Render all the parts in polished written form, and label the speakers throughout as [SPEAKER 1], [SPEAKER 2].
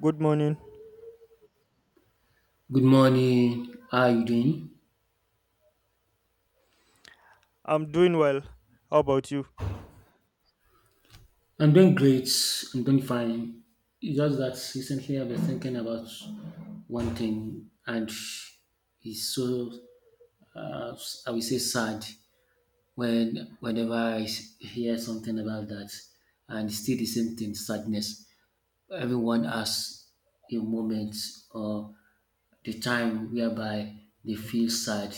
[SPEAKER 1] Good morning.
[SPEAKER 2] Good morning. How are you doing?
[SPEAKER 1] I'm doing well. How about you?
[SPEAKER 2] I'm doing great. I'm doing fine. It's just that recently I've been thinking about one thing, and it's so uh, I will say sad when whenever I hear something about that, and still the same thing, sadness. Everyone has a moment or the time whereby they feel sad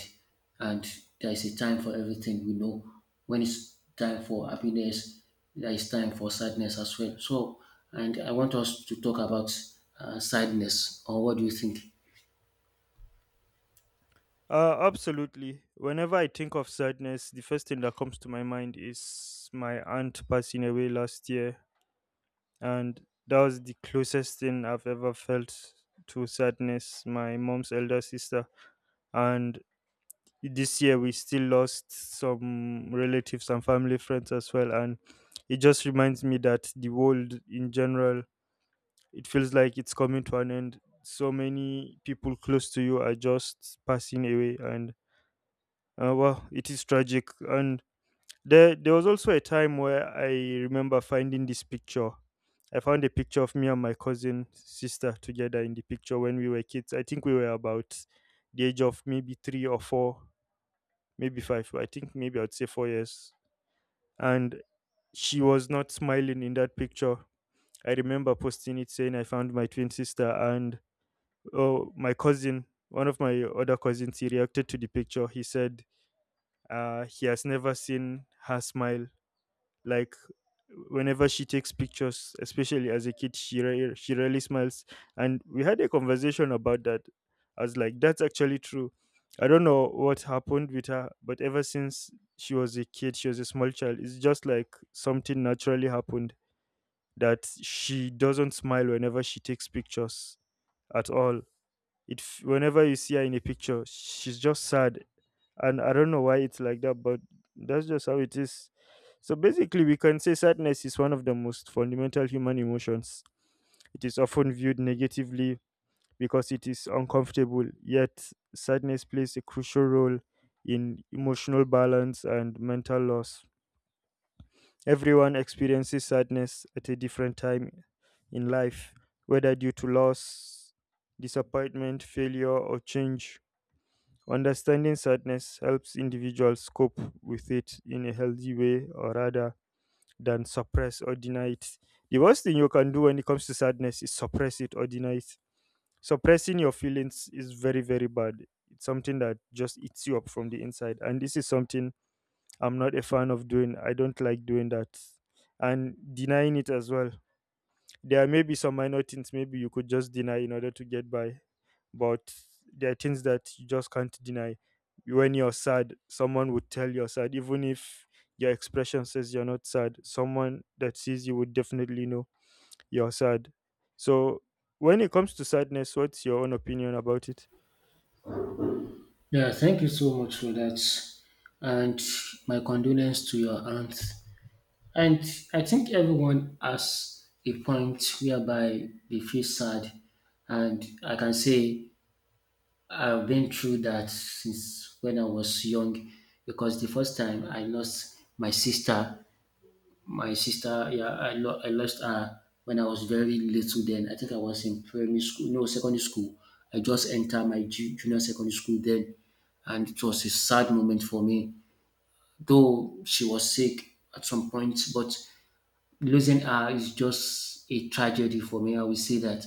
[SPEAKER 2] and there is a time for everything we know. When it's time for happiness there is time for sadness as well, so and I want us to talk about sadness, or what do you think?
[SPEAKER 1] Absolutely. Whenever I think of sadness, the first thing that comes to my mind is my aunt passing away last year. And that was the closest thing I've ever felt to sadness, my mom's elder sister. And this year we still lost some relatives and family friends as well. And it just reminds me that the world in general it feels like it's coming to an end. So many people close to you are just passing away, and well, it is tragic. And there was also a time where I remember finding this picture. I found a picture of me and my cousin sister together in the picture when we were kids. I think we were about the age of maybe three or four, maybe five. I think maybe I'd say 4 years. And she was not smiling in that picture. I remember posting it saying I found my twin sister, and oh, my cousin, one of my other cousins, he reacted to the picture. He said he has never seen her smile. Like whenever she takes pictures, especially as a kid, she rarely smiles. And we had a conversation about that. I was like, that's actually true. I don't know what happened with her, but ever since she was a kid, she was a small child. It's just like something naturally happened that she doesn't smile whenever she takes pictures at all. Whenever you see her in a picture, she's just sad, and I don't know why it's like that, but that's just how it is. So basically, we can say sadness is one of the most fundamental human emotions. It is often viewed negatively because it is uncomfortable, yet sadness plays a crucial role in emotional balance and mental loss. Everyone experiences sadness at a different time in life, whether due to loss, disappointment, failure, or change. Understanding sadness helps individuals cope with it in a healthy way, or rather than suppress or deny it. The worst thing you can do when it comes to sadness is suppress it or deny it. Suppressing your feelings is very, very bad. It's something that just eats you up from the inside. And this is something I'm not a fan of doing. I don't like doing that. And denying it as well. There may be some minor things maybe you could just deny in order to get by, but there are things that you just can't deny. When you're sad, someone would tell you're sad, even if your expression says you're not sad. Someone that sees you would definitely know you're sad. So, when it comes to sadness, what's your own opinion about it?
[SPEAKER 2] Yeah, thank you so much for that. And my condolence to your aunt. And I think everyone has a point whereby they feel sad. And I can say I've been through that since when I was young, because the first time I lost my sister, yeah, I lost her when I was very little then. I think I was in primary school, no, secondary school. I just entered my junior secondary school then, and it was a sad moment for me. Though she was sick at some point, but losing her is just a tragedy for me. I will say that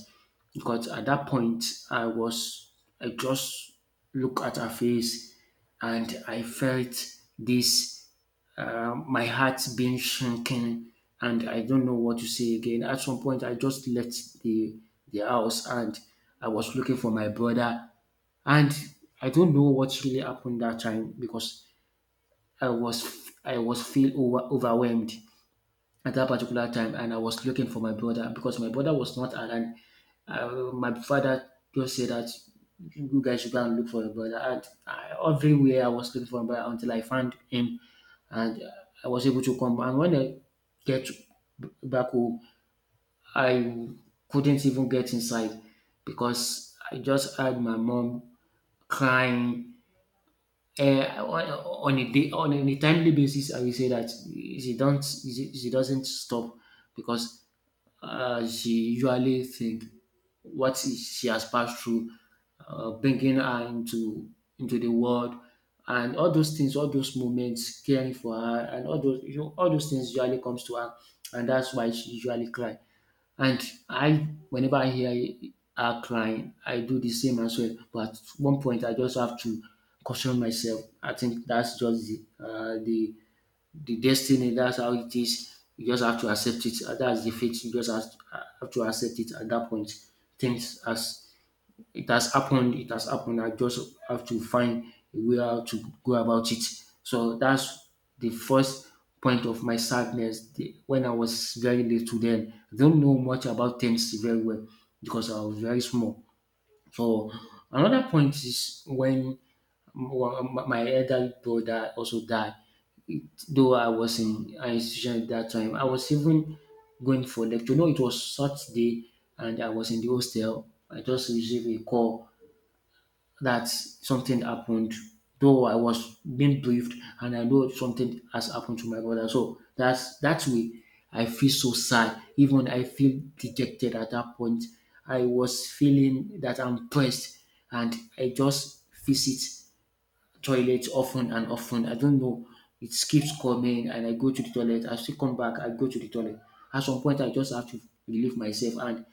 [SPEAKER 2] because at that point I was I just look at her face and I felt this, my heart being shrinking, and I don't know what to say again. At some point I just left the house and I was looking for my brother, and I don't know what really happened that time because I was feel overwhelmed at that particular time, and I was looking for my brother because my brother was not around. My father just said that you guys should go and look for your brother. And I, everywhere I was looking for my brother until I found him, and I was able to come. And when I get back home, I couldn't even get inside because I just heard my mom crying. Uh, on on a day, on a timely basis, I will say that she doesn't stop because she usually think what she has passed through, bringing her into the world, and all those things, all those moments, caring for her, and all those, you know, all those things usually comes to her, and that's why she usually cry. And I, whenever I hear her crying, I do the same as well. But at one point, I just have to caution myself. I think that's just the destiny. That's how it is. You just have to accept it. That's the fate. You just have to accept it at that point. Things as it has happened, it has happened. I just have to find a way how to go about it. So that's the first point of my sadness, the, when I was very little. Then I don't know much about things very well because I was very small. So another point is when m- my elder brother also died. Though I was in an institution at that time, I was even going for lecture. No, it was Saturday and I was in the hostel. I just received a call that something happened. Though I was being briefed and I know something has happened to my brother. So that's that way I feel so sad. Even I feel dejected at that point. I was feeling that I'm pressed and I just feel it toilet often and often. I don't know. It keeps coming and I go to the toilet. I still come back, I go to the toilet. At some point I just have to relieve myself and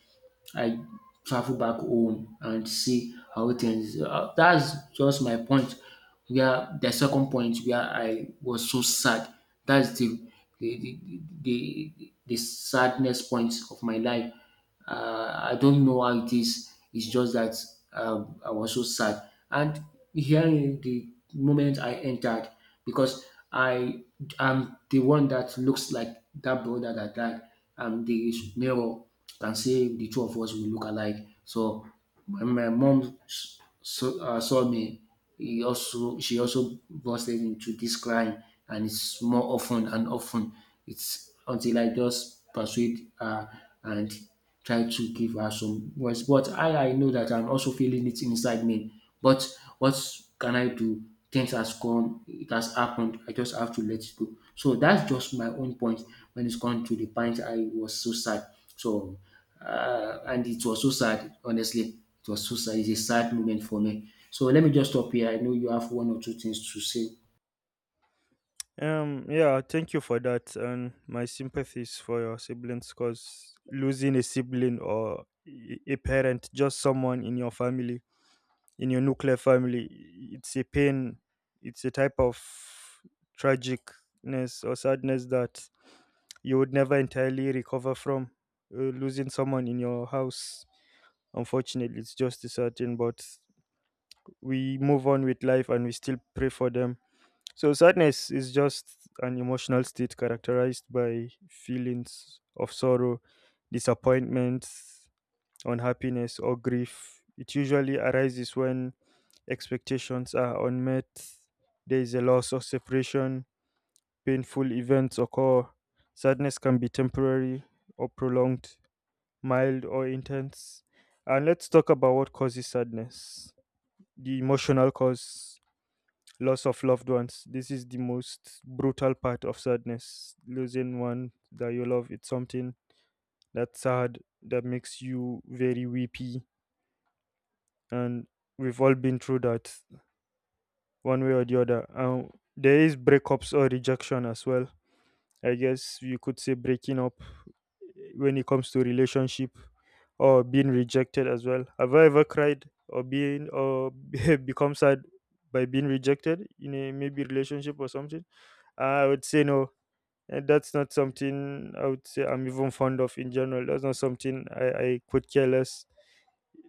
[SPEAKER 2] I travel back home and see how things are. That's just my point where the second point where I was so sad. That's the sadness point of my life. I don't know how it is. It's just that I was so sad. And here in the moment I entered, because I am the one that looks like that brother that died. I'm the mirror, can say the two of us we look alike. So when my mom saw me, he also she also busted into this crying, and it's more often and often. It's until I just persuade her, and try to give her some words, but I know that I'm also feeling it inside me. But what can I do? Things has come, it has happened. I just have to let it go. So that's just my own point when it's come to the point I was so sad. So and it was so sad, honestly. It was so sad. It's a sad moment for me. So let me just stop here. I know you have one or two things to say.
[SPEAKER 1] Yeah, thank you for that, and my sympathies for your siblings, cause losing a sibling or a parent, just someone in your family, in your nuclear family, it's a pain. It's a type of tragicness or sadness that you would never entirely recover from. Losing someone in your house, unfortunately, it's just a certain, but we move on with life and we still pray for them. So sadness is just an emotional state characterized by feelings of sorrow, disappointment, unhappiness, or grief. It usually arises when expectations are unmet, there is a loss or separation, painful events occur. Sadness can be temporary or prolonged, mild or intense. And let's talk about what causes sadness. The emotional cause, loss of loved ones. This is the most brutal part of sadness. Losing one that you love, it's something that's sad, that makes you very weepy, and we've all been through that one way or the other. And there is breakups or rejection as well. I guess you could say breaking up when it comes to relationship, or being rejected as well. Have I ever cried or been or become sad by being rejected in a maybe relationship or something? I would say no. And that's not something I would say I'm even fond of in general. That's not something I could care less.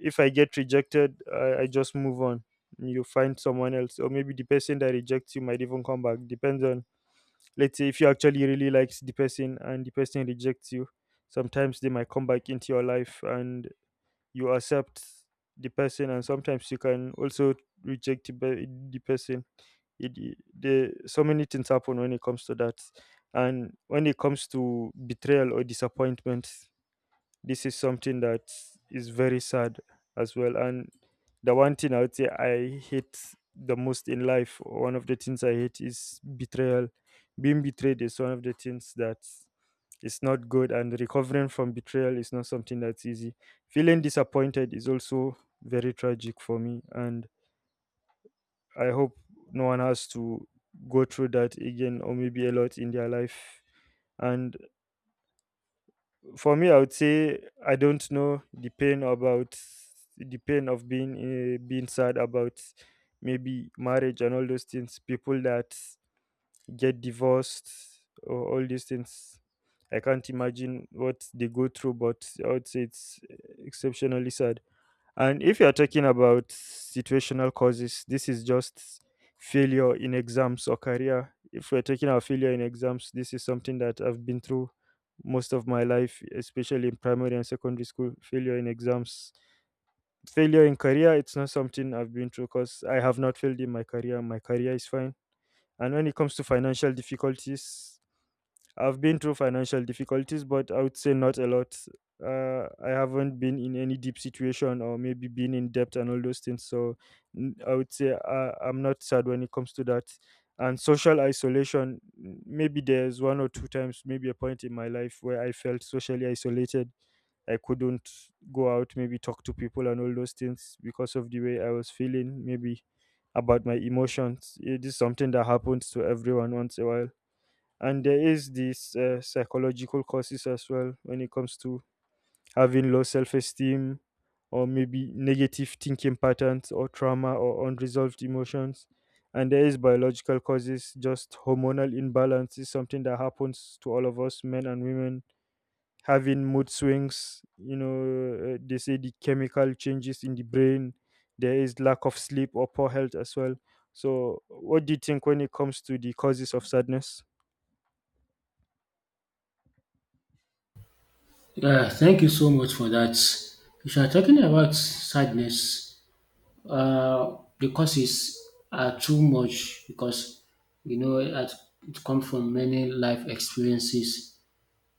[SPEAKER 1] If I get rejected, I just move on. You find someone else, or maybe the person that rejects you might even come back. Depends on, let's say, if you actually really likes the person and the person rejects you, sometimes they might come back into your life and you accept the person, and sometimes you can also reject the person. So many things happen when it comes to that, and when it comes to betrayal or disappointment, this is something that is very sad as well. And the one thing I would say I hate the most in life, or one of the things I hate, is betrayal. Being betrayed is one of the things that is not good, and recovering from betrayal is not something that's easy. Feeling disappointed is also very tragic for me, and I hope no one has to go through that again, or maybe a lot in their life. And for me, I would say I don't know the pain about the pain of being being sad about maybe marriage and all those things. People that get divorced or all these things, I can't imagine what they go through, but I would say it's exceptionally sad. And if you're talking about situational causes, this is just failure in exams or career. If we're talking about failure in exams, this is something that I've been through most of my life, especially in primary and secondary school. Failure in exams, failure in career, it's not something I've been through because I have not failed in my career. My career is fine. And when it comes to financial difficulties, I've been through financial difficulties, but I would say not a lot. I haven't been in any deep situation, or maybe been in debt and all those things. So I would say I'm not sad when it comes to that. And social isolation, maybe there's one or two times, maybe a point in my life where I felt socially isolated. I couldn't go out, maybe talk to people and all those things because of the way I was feeling, maybe about my emotions. It is something that happens to everyone once a while, and there is this psychological causes as well when it comes to having low self-esteem, or maybe negative thinking patterns, or trauma or unresolved emotions. And there is biological causes. Just hormonal imbalance is something that happens to all of us, men and women, having mood swings, you know, they say the chemical changes in the brain. There is lack of sleep or poor health as well. So what do you think when it comes to the causes of sadness?
[SPEAKER 2] Yeah, thank you so much for that. If you are talking about sadness, the causes are too much because you know it, it come from many life experiences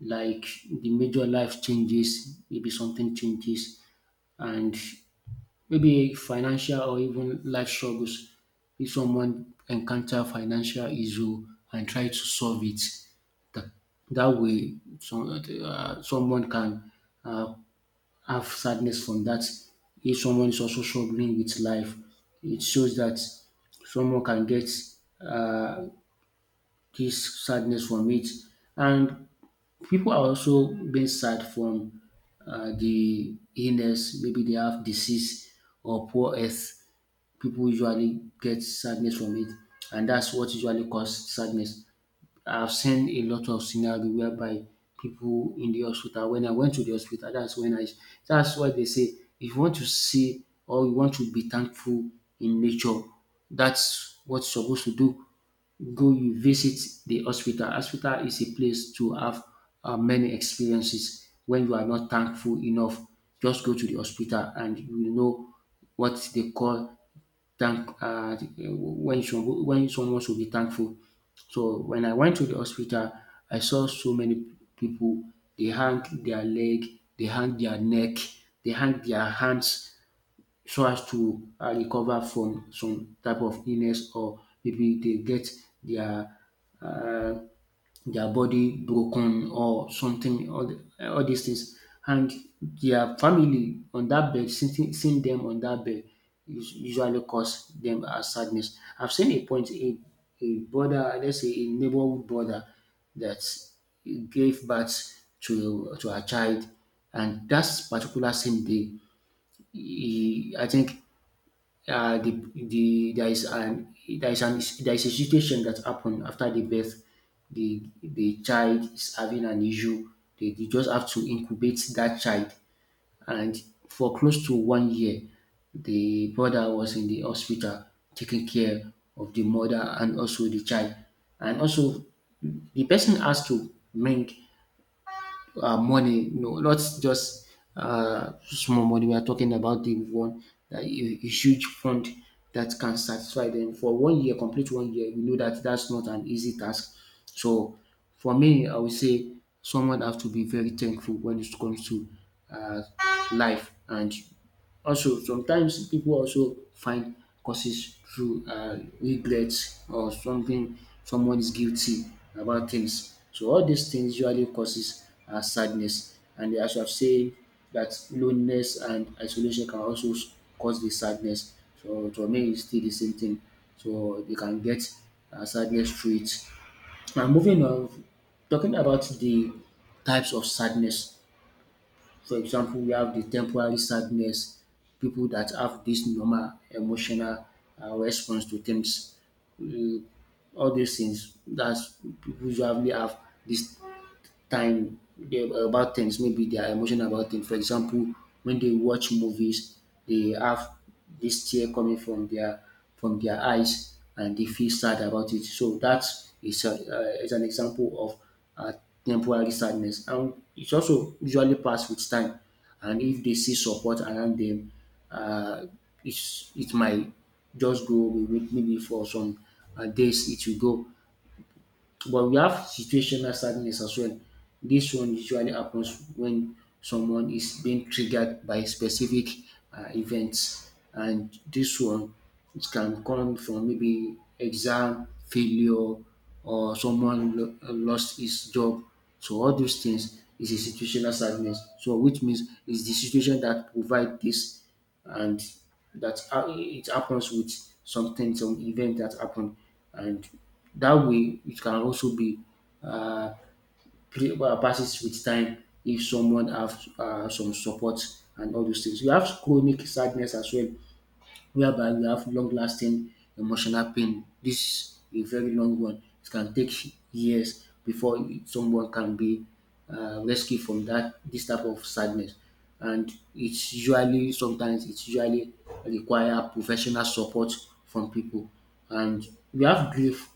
[SPEAKER 2] like the major life changes, maybe something changes, and maybe financial or even life struggles. If someone encounter financial issue and try to solve it, that, that way some, someone can uh, have sadness from that. If someone is also struggling with life, it shows that someone can get uh, this sadness from it. And people are also being sad from the illness, maybe they have disease or poor health. People usually get sadness from it, and that's what usually cause sadness. I've seen a lot of scenario whereby people in the hospital, when I went to the hospital, that's when I that's why they say if you want to see or you want to be thankful in nature, that's what you're supposed to do. Go, you visit the hospital. Hospital is a place to have many experiences when you are not thankful enough. Just go to the hospital and you will know what they call thank when some when someone should be thankful. So when I went to the hospital, I saw so many people, they hang their leg, they hang their neck, they hang their hands so as to recover from some type of illness, or maybe they get their their body broken or something, all these things. And their family on that bed, sitting, seeing them on that bed, usually cause them a sadness. I've seen a point, a brother, let's say a neighborhood brother, that gave birth to a child, and that particular same day, he, I think uh, the, the there is an there is a situation that happened after the birth. The child is having an issue. They just have to incubate that child, and for close to one year, the brother was in the hospital taking care of the mother and also the child, and also the person has to bring money, no, not just small money. We are talking about the one that a huge fund that can satisfy them for one year, complete one year. We know that that's not an easy task. So for me, I would say someone have to be very thankful when it comes to uh, life. And also, sometimes people also find causes through regrets, or something someone is guilty about things. So all these things usually causes sadness, and as I've said, that loneliness and isolation can also cause the sadness. So to me, it's still the same thing. So they can get sadness through it. Now moving on, talking about the types of sadness. For example, we have the temporary sadness, people that have this normal emotional response to things. Uh, all these things, that's people usually have this time they, about things. Maybe they are emotional about things. For example, when they watch movies, they have this tear coming from their eyes, and they feel sad about it. So that is is an example of uh, temporary sadness, and it also usually pass with time. And if they see support around them, uh, it's, it might just go away with maybe for some days it will go. But we have situational sadness as well. This one usually happens when someone is being triggered by specific events, and this one it can come from maybe exam failure or someone lo lost his job. So all those things is a situational sadness. So which means it's the situation that provide this, and that how it happens with something, some event that happened, and that way it can also be uh, passes with time if someone have some support. And all those things, you have chronic sadness as well, whereby you have long lasting emotional pain. This is a very long one. It can take years before someone can be rescued from that. This type of sadness, and it's usually, sometimes it's usually require professional support from people. And we have grief.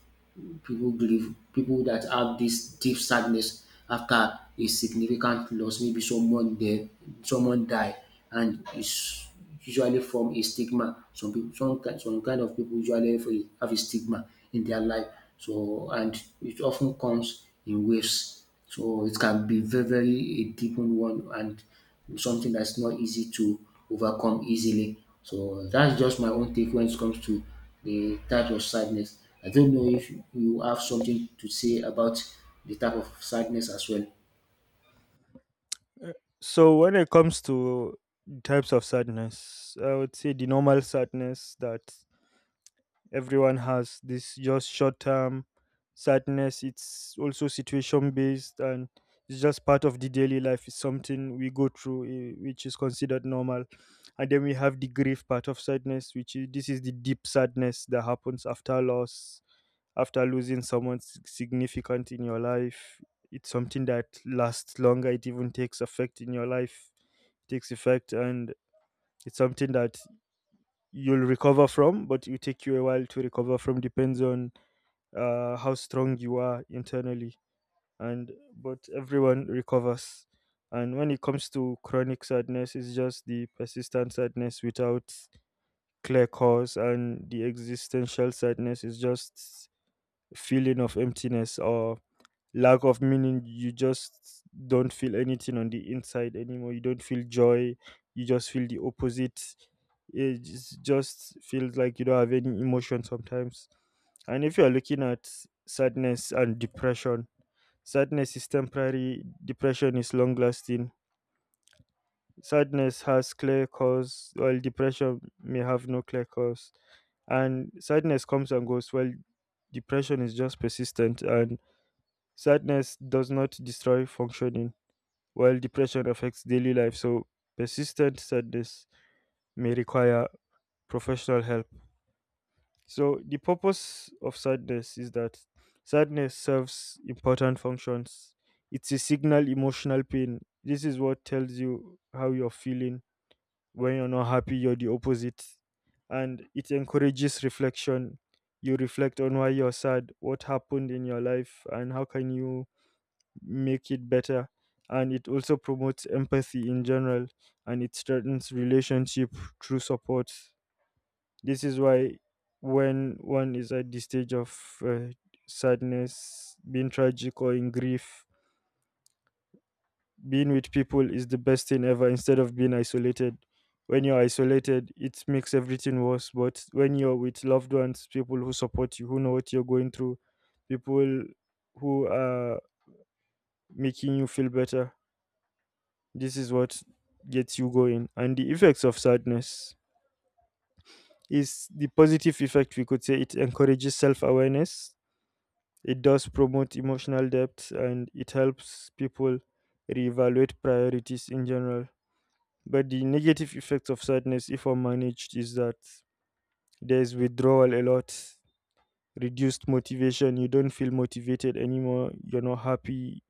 [SPEAKER 2] People that have this deep sadness after a significant loss, maybe someone dead, someone die, and it's usually form a stigma. Some people, some kind of people usually have a stigma in their life. So, and it often comes in waves. So it can be very, very a deepened one, and something that's not easy to overcome easily. So that's just my own take when it comes to the type of sadness. I don't know if you have something to say about the type of sadness as well.
[SPEAKER 1] So when it comes to types of sadness, I would say the normal sadness that everyone has, this just short term sadness, it's also situation based, and it's just part of the daily life. It's something we go through, which is considered normal. And then we have the grief part of sadness, which is this is the deep sadness that happens after loss, after losing someone significant in your life. It's something that lasts longer. It even takes effect in your life, takes effect. And it's something that you'll recover from, but it will take you a while to recover from. Depends on how strong you are internally. And but everyone recovers. And when it comes to chronic sadness, it's just the persistent sadness without clear cause. And the existential sadness is just feeling of emptiness, or lack of meaning. You just don't feel anything on the inside anymore. You don't feel joy, you just feel the opposite. It just feels like you don't have any emotion sometimes. And if you are looking at sadness and depression, sadness is temporary, depression is long lasting. Sadness has clear cause, while depression may have no clear cause. And sadness comes and goes, while depression is just persistent. And sadness does not destroy functioning, while depression affects daily life. So persistent sadness may require professional help. So, the purpose of sadness is that sadness serves important functions. It's a signal emotional pain. This is what tells you how you're feeling. When you're not happy, you're the opposite. And it encourages reflection. You reflect on why you're sad, what happened in your life, and how can you make it better, and it also promotes empathy in general, and it strengthens relationship through support. This is why when one is at the stage of uh, sadness being tragic or in grief, being with people is the best thing ever instead of being isolated. When you're isolated it makes everything worse, but when you're with loved ones, people who support you, who know what you're going through, people who are making you feel better. This is what gets you going. And the effects of sadness is the positive effect, we could say it encourages self awareness, it does promote emotional depth, and it helps people reevaluate priorities in general. But the negative effects of sadness, if unmanaged, is that there's withdrawal a lot, reduced motivation, you don't feel motivated anymore, you're not happy,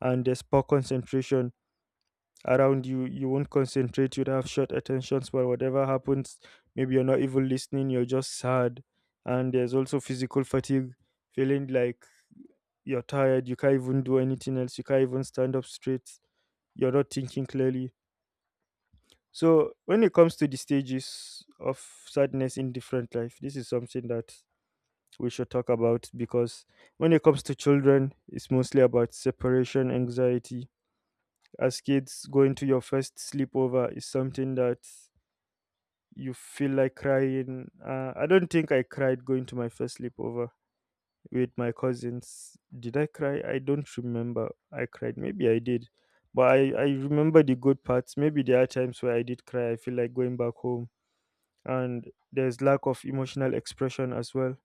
[SPEAKER 1] and there's poor concentration around you. You won't concentrate, you'd have short attention span whatever happens. Maybe you're not even listening, you're just sad. And there's also physical fatigue, feeling like you're tired, you can't even do anything else, you can't even stand up straight, you're not thinking clearly. So when it comes to the stages of sadness in different life, this is something that we should talk about because when it comes to children, it's mostly about separation anxiety. As kids, going to your first sleepover is something that you feel like crying. I don't think I cried going to my first sleepover with my cousins. Did I cry? I don't remember. I cried. Maybe I did. But I remember the good parts. Maybe there are times where I did cry. I feel like going back home. And there's lack of emotional expression as well.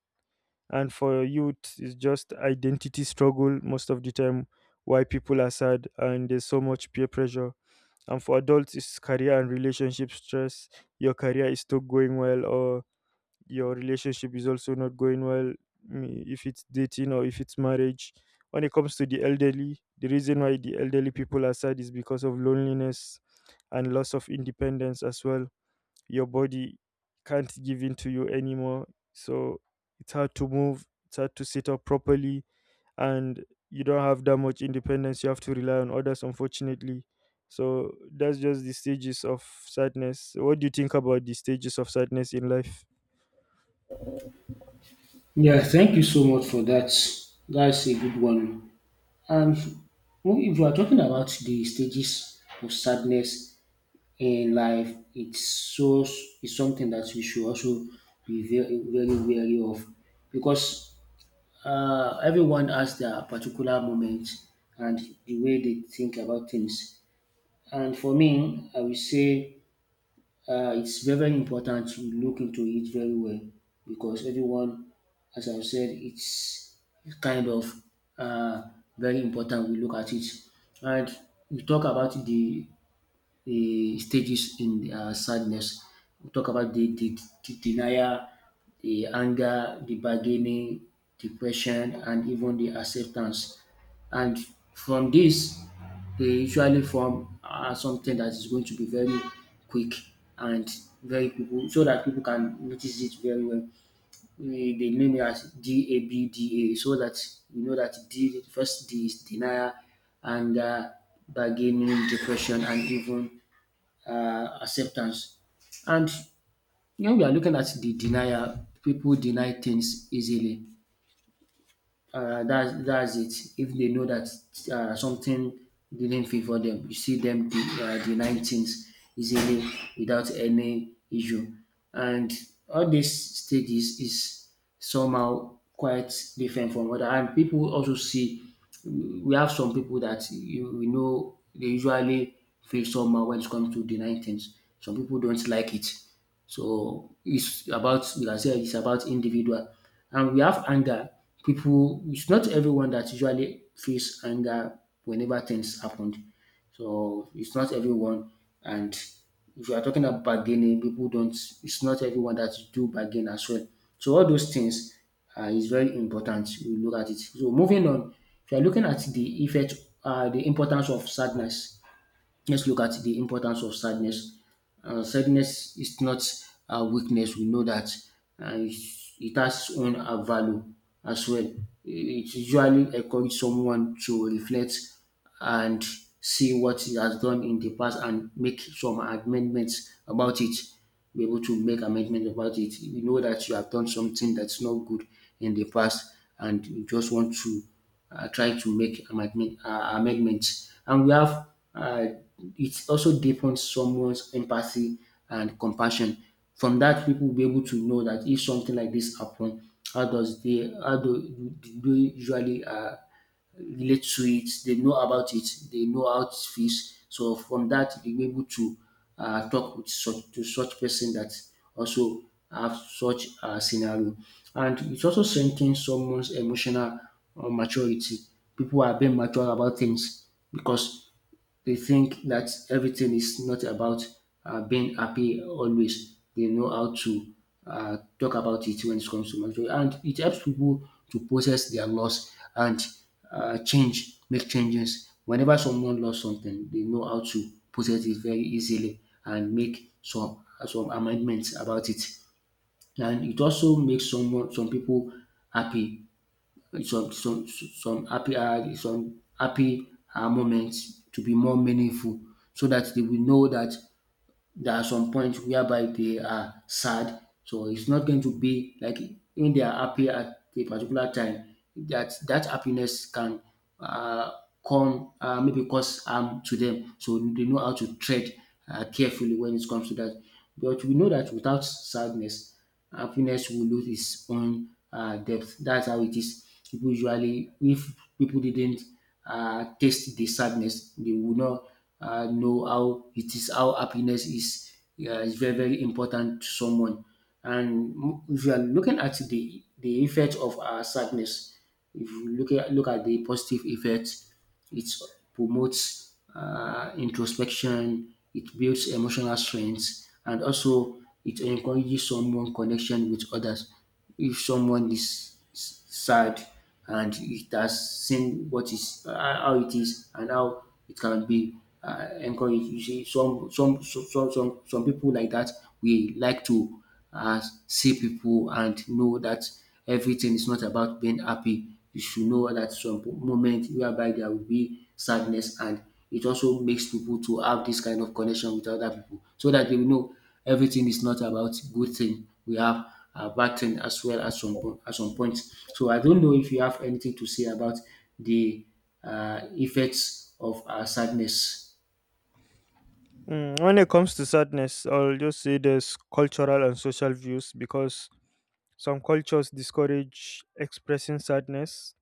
[SPEAKER 1] And for youth, it's just identity struggle most of the time, why people are sad, and there's so much peer pressure. And for adults, it's career and relationship stress. Your career is still going well, or your relationship is also not going well, mm, if it's dating or if it's marriage. When it comes to the elderly, the reason why the elderly people are sad is because of loneliness and loss of independence as well. Your body can't give in to you anymore. So it's hard to move, it's hard to sit up properly, and you don't have that much independence. You have to rely on others, unfortunately. So that's just the stages of sadness. What do you think about the stages of sadness in life?
[SPEAKER 2] Yeah, thank you so much for that. That's a good one. Um, Well, if you are talking about the stages of sadness in life, it's something that we should also be very, very wary of, because everyone has their particular moment and the way they think about things. And for me, I would say it's very, very important to look into it very well, because everyone, as I've said, it's kind of uh, very important we look at it. And we talk about the stages in sadness. We talk about the denial, the anger, the bargaining, depression, and even the acceptance. And from this, they usually form something that is going to be very quick and very people, so that people can notice it very well. They name it as DABDA, so that we know that D, first D is denial, anger, bargaining, depression, and even acceptance. And when we are looking at the denial, people deny things easily. That's it. If they know that something didn't favor them, you see them denying things easily without any issue. And all these stages is somehow quite different from other. And people also see, we have some people that you we know they usually feel somehow when it comes to denying things. Some people don't like it, so it's about, you can say it's about individual. And we have anger. People, it's not everyone that usually feels anger whenever things happen. So it's not everyone. And if you are talking about bargaining, people don't it's not everyone that do bargain as well. So all those things is very important. We look at it. So moving on, if you are looking at the importance of sadness. Let's look at the importance of sadness. Sadness is not a weakness. We know that it has its own value as well. It usually encourages someone to reflect and see what he has done in the past and make some amendments about it. Be able to make amendments about it. You know that you have done something that's not good in the past, and you just want to try to make amendments. And we have, uh, it also deepens someone's empathy and compassion. From that, people will be able to know that if something like this happen, how do, do they usually relate to it. They know about it, they know how it feels. So from that, they were able to talk with such, to such person that also have such a scenario. And it also strengthens someone's emotional maturity. People are being mature about things because they think that everything is not about being happy always. They know how to talk about it when it comes to mental. And it helps people to process their loss and make changes. Whenever someone lost something, they know how to process it very easily and make some amendments about it. And it also makes some people happy, some happy moments to be more meaningful, so that they will know that there are some points whereby they are sad. So it's not going to be like when they are happy at a particular time, that that happiness can uh, come maybe cause harm to them. So they know how to tread carefully when it comes to that. But we know that without sadness, happiness will lose its own depth. That's how it is. People usually, if people didn't taste the sadness, they would not know how it is, how happiness is. Yeah, is very, very important to someone. And if you are looking at the effect of our sadness, if you look at the positive effect. It promotes introspection, it builds emotional strength, and also it encourages someone connection with others. If someone is sad and it has seen what is, how it is and how it can be encouraged, you see, some people like that, we like to uh, see people and know that everything is not about being happy. You should know that some moment whereby there will be sadness, and it also makes people to have this kind of connection with other people, so that they will know everything is not about good thing. We have a bad thing as well at at some point. So I don't know if you have anything to say about the effects of sadness.
[SPEAKER 1] Mm, when it comes to sadness, I'll just say there's cultural and social views because some cultures discourage expressing sadness.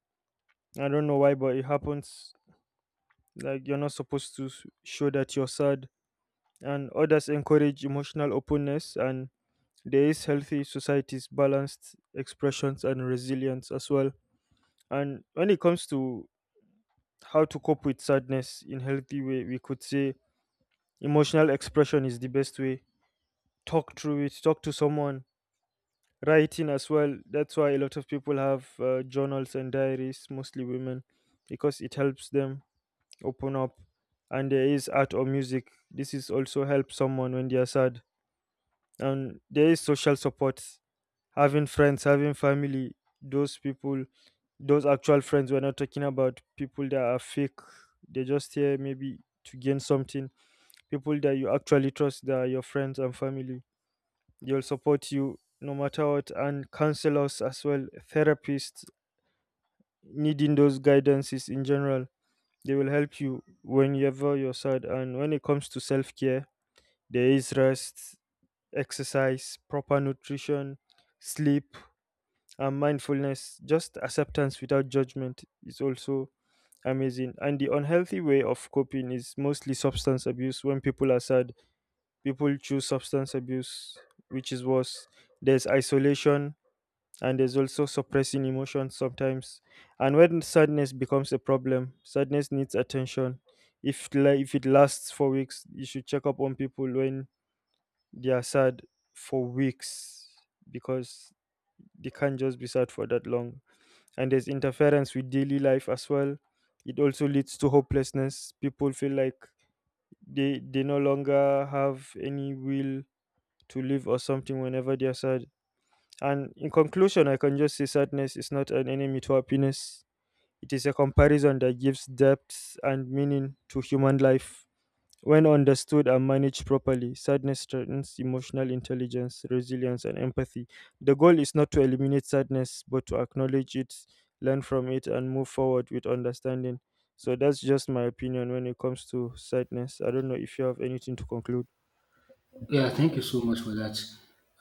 [SPEAKER 1] I don't know why, but it happens. Like you're not supposed to show that you're sad, and others encourage emotional openness. And there is healthy societies, balanced expressions, and resilience as well. And when it comes to how to cope with sadness in healthy way, we could say emotional expression is the best way. Talk through it. Talk to someone, writing as well. That's why a lot of people have journals and diaries, mostly women, because it helps them open up. And there is art or music, this is also help someone when they are sad. And there is social support, having friends, having family, those people, those actual friends. We're not talking about people that are fake, they're just here maybe to gain something. People that you actually trust, that are your friends and family. They'll support you no matter what, and counselors as well, therapists, needing those guidances in general. They will help you whenever you're sad. And when it comes to self care, there is rest, exercise, proper nutrition, sleep, and mindfulness. Just acceptance without judgment is also amazing. And the unhealthy way of coping is mostly substance abuse. When people are sad, people choose substance abuse, which is worse. There's isolation, and there's also suppressing emotions sometimes. And when sadness becomes a problem, sadness needs attention. If it lasts for weeks, you should check up on people when they are sad for weeks, because they can't just be sad for that long. And there's interference with daily life as well. It also leads to hopelessness. People feel like they no longer have any will to live or something whenever they are sad. And in conclusion, I can just say sadness is not an enemy to happiness. It is a comparison that gives depth and meaning to human life. When understood and managed properly, sadness strengthens emotional intelligence, resilience, and empathy. The goal is not to eliminate sadness, but to acknowledge it, learn from it, and move forward with understanding. So that's just my opinion when it comes to sadness. I don't know if you have anything to conclude.
[SPEAKER 2] Yeah, thank you so much for that.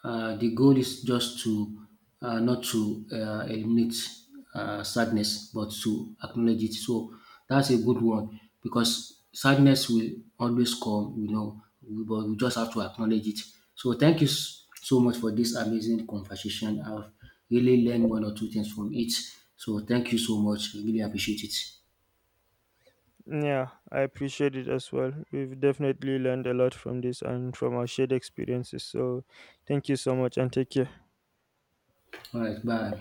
[SPEAKER 2] The goal is just to not to eliminate sadness, but to acknowledge it. So that's a good one, because sadness will always come, you know, but we just have to acknowledge it. So thank you so much for this amazing conversation. I've really learned one or two things from it. So thank you so much. I really appreciate it.
[SPEAKER 1] Yeah, I appreciate it as well. We've definitely learned a lot from this and from our shared experiences. So, thank you so much and take care.
[SPEAKER 2] All right, bye.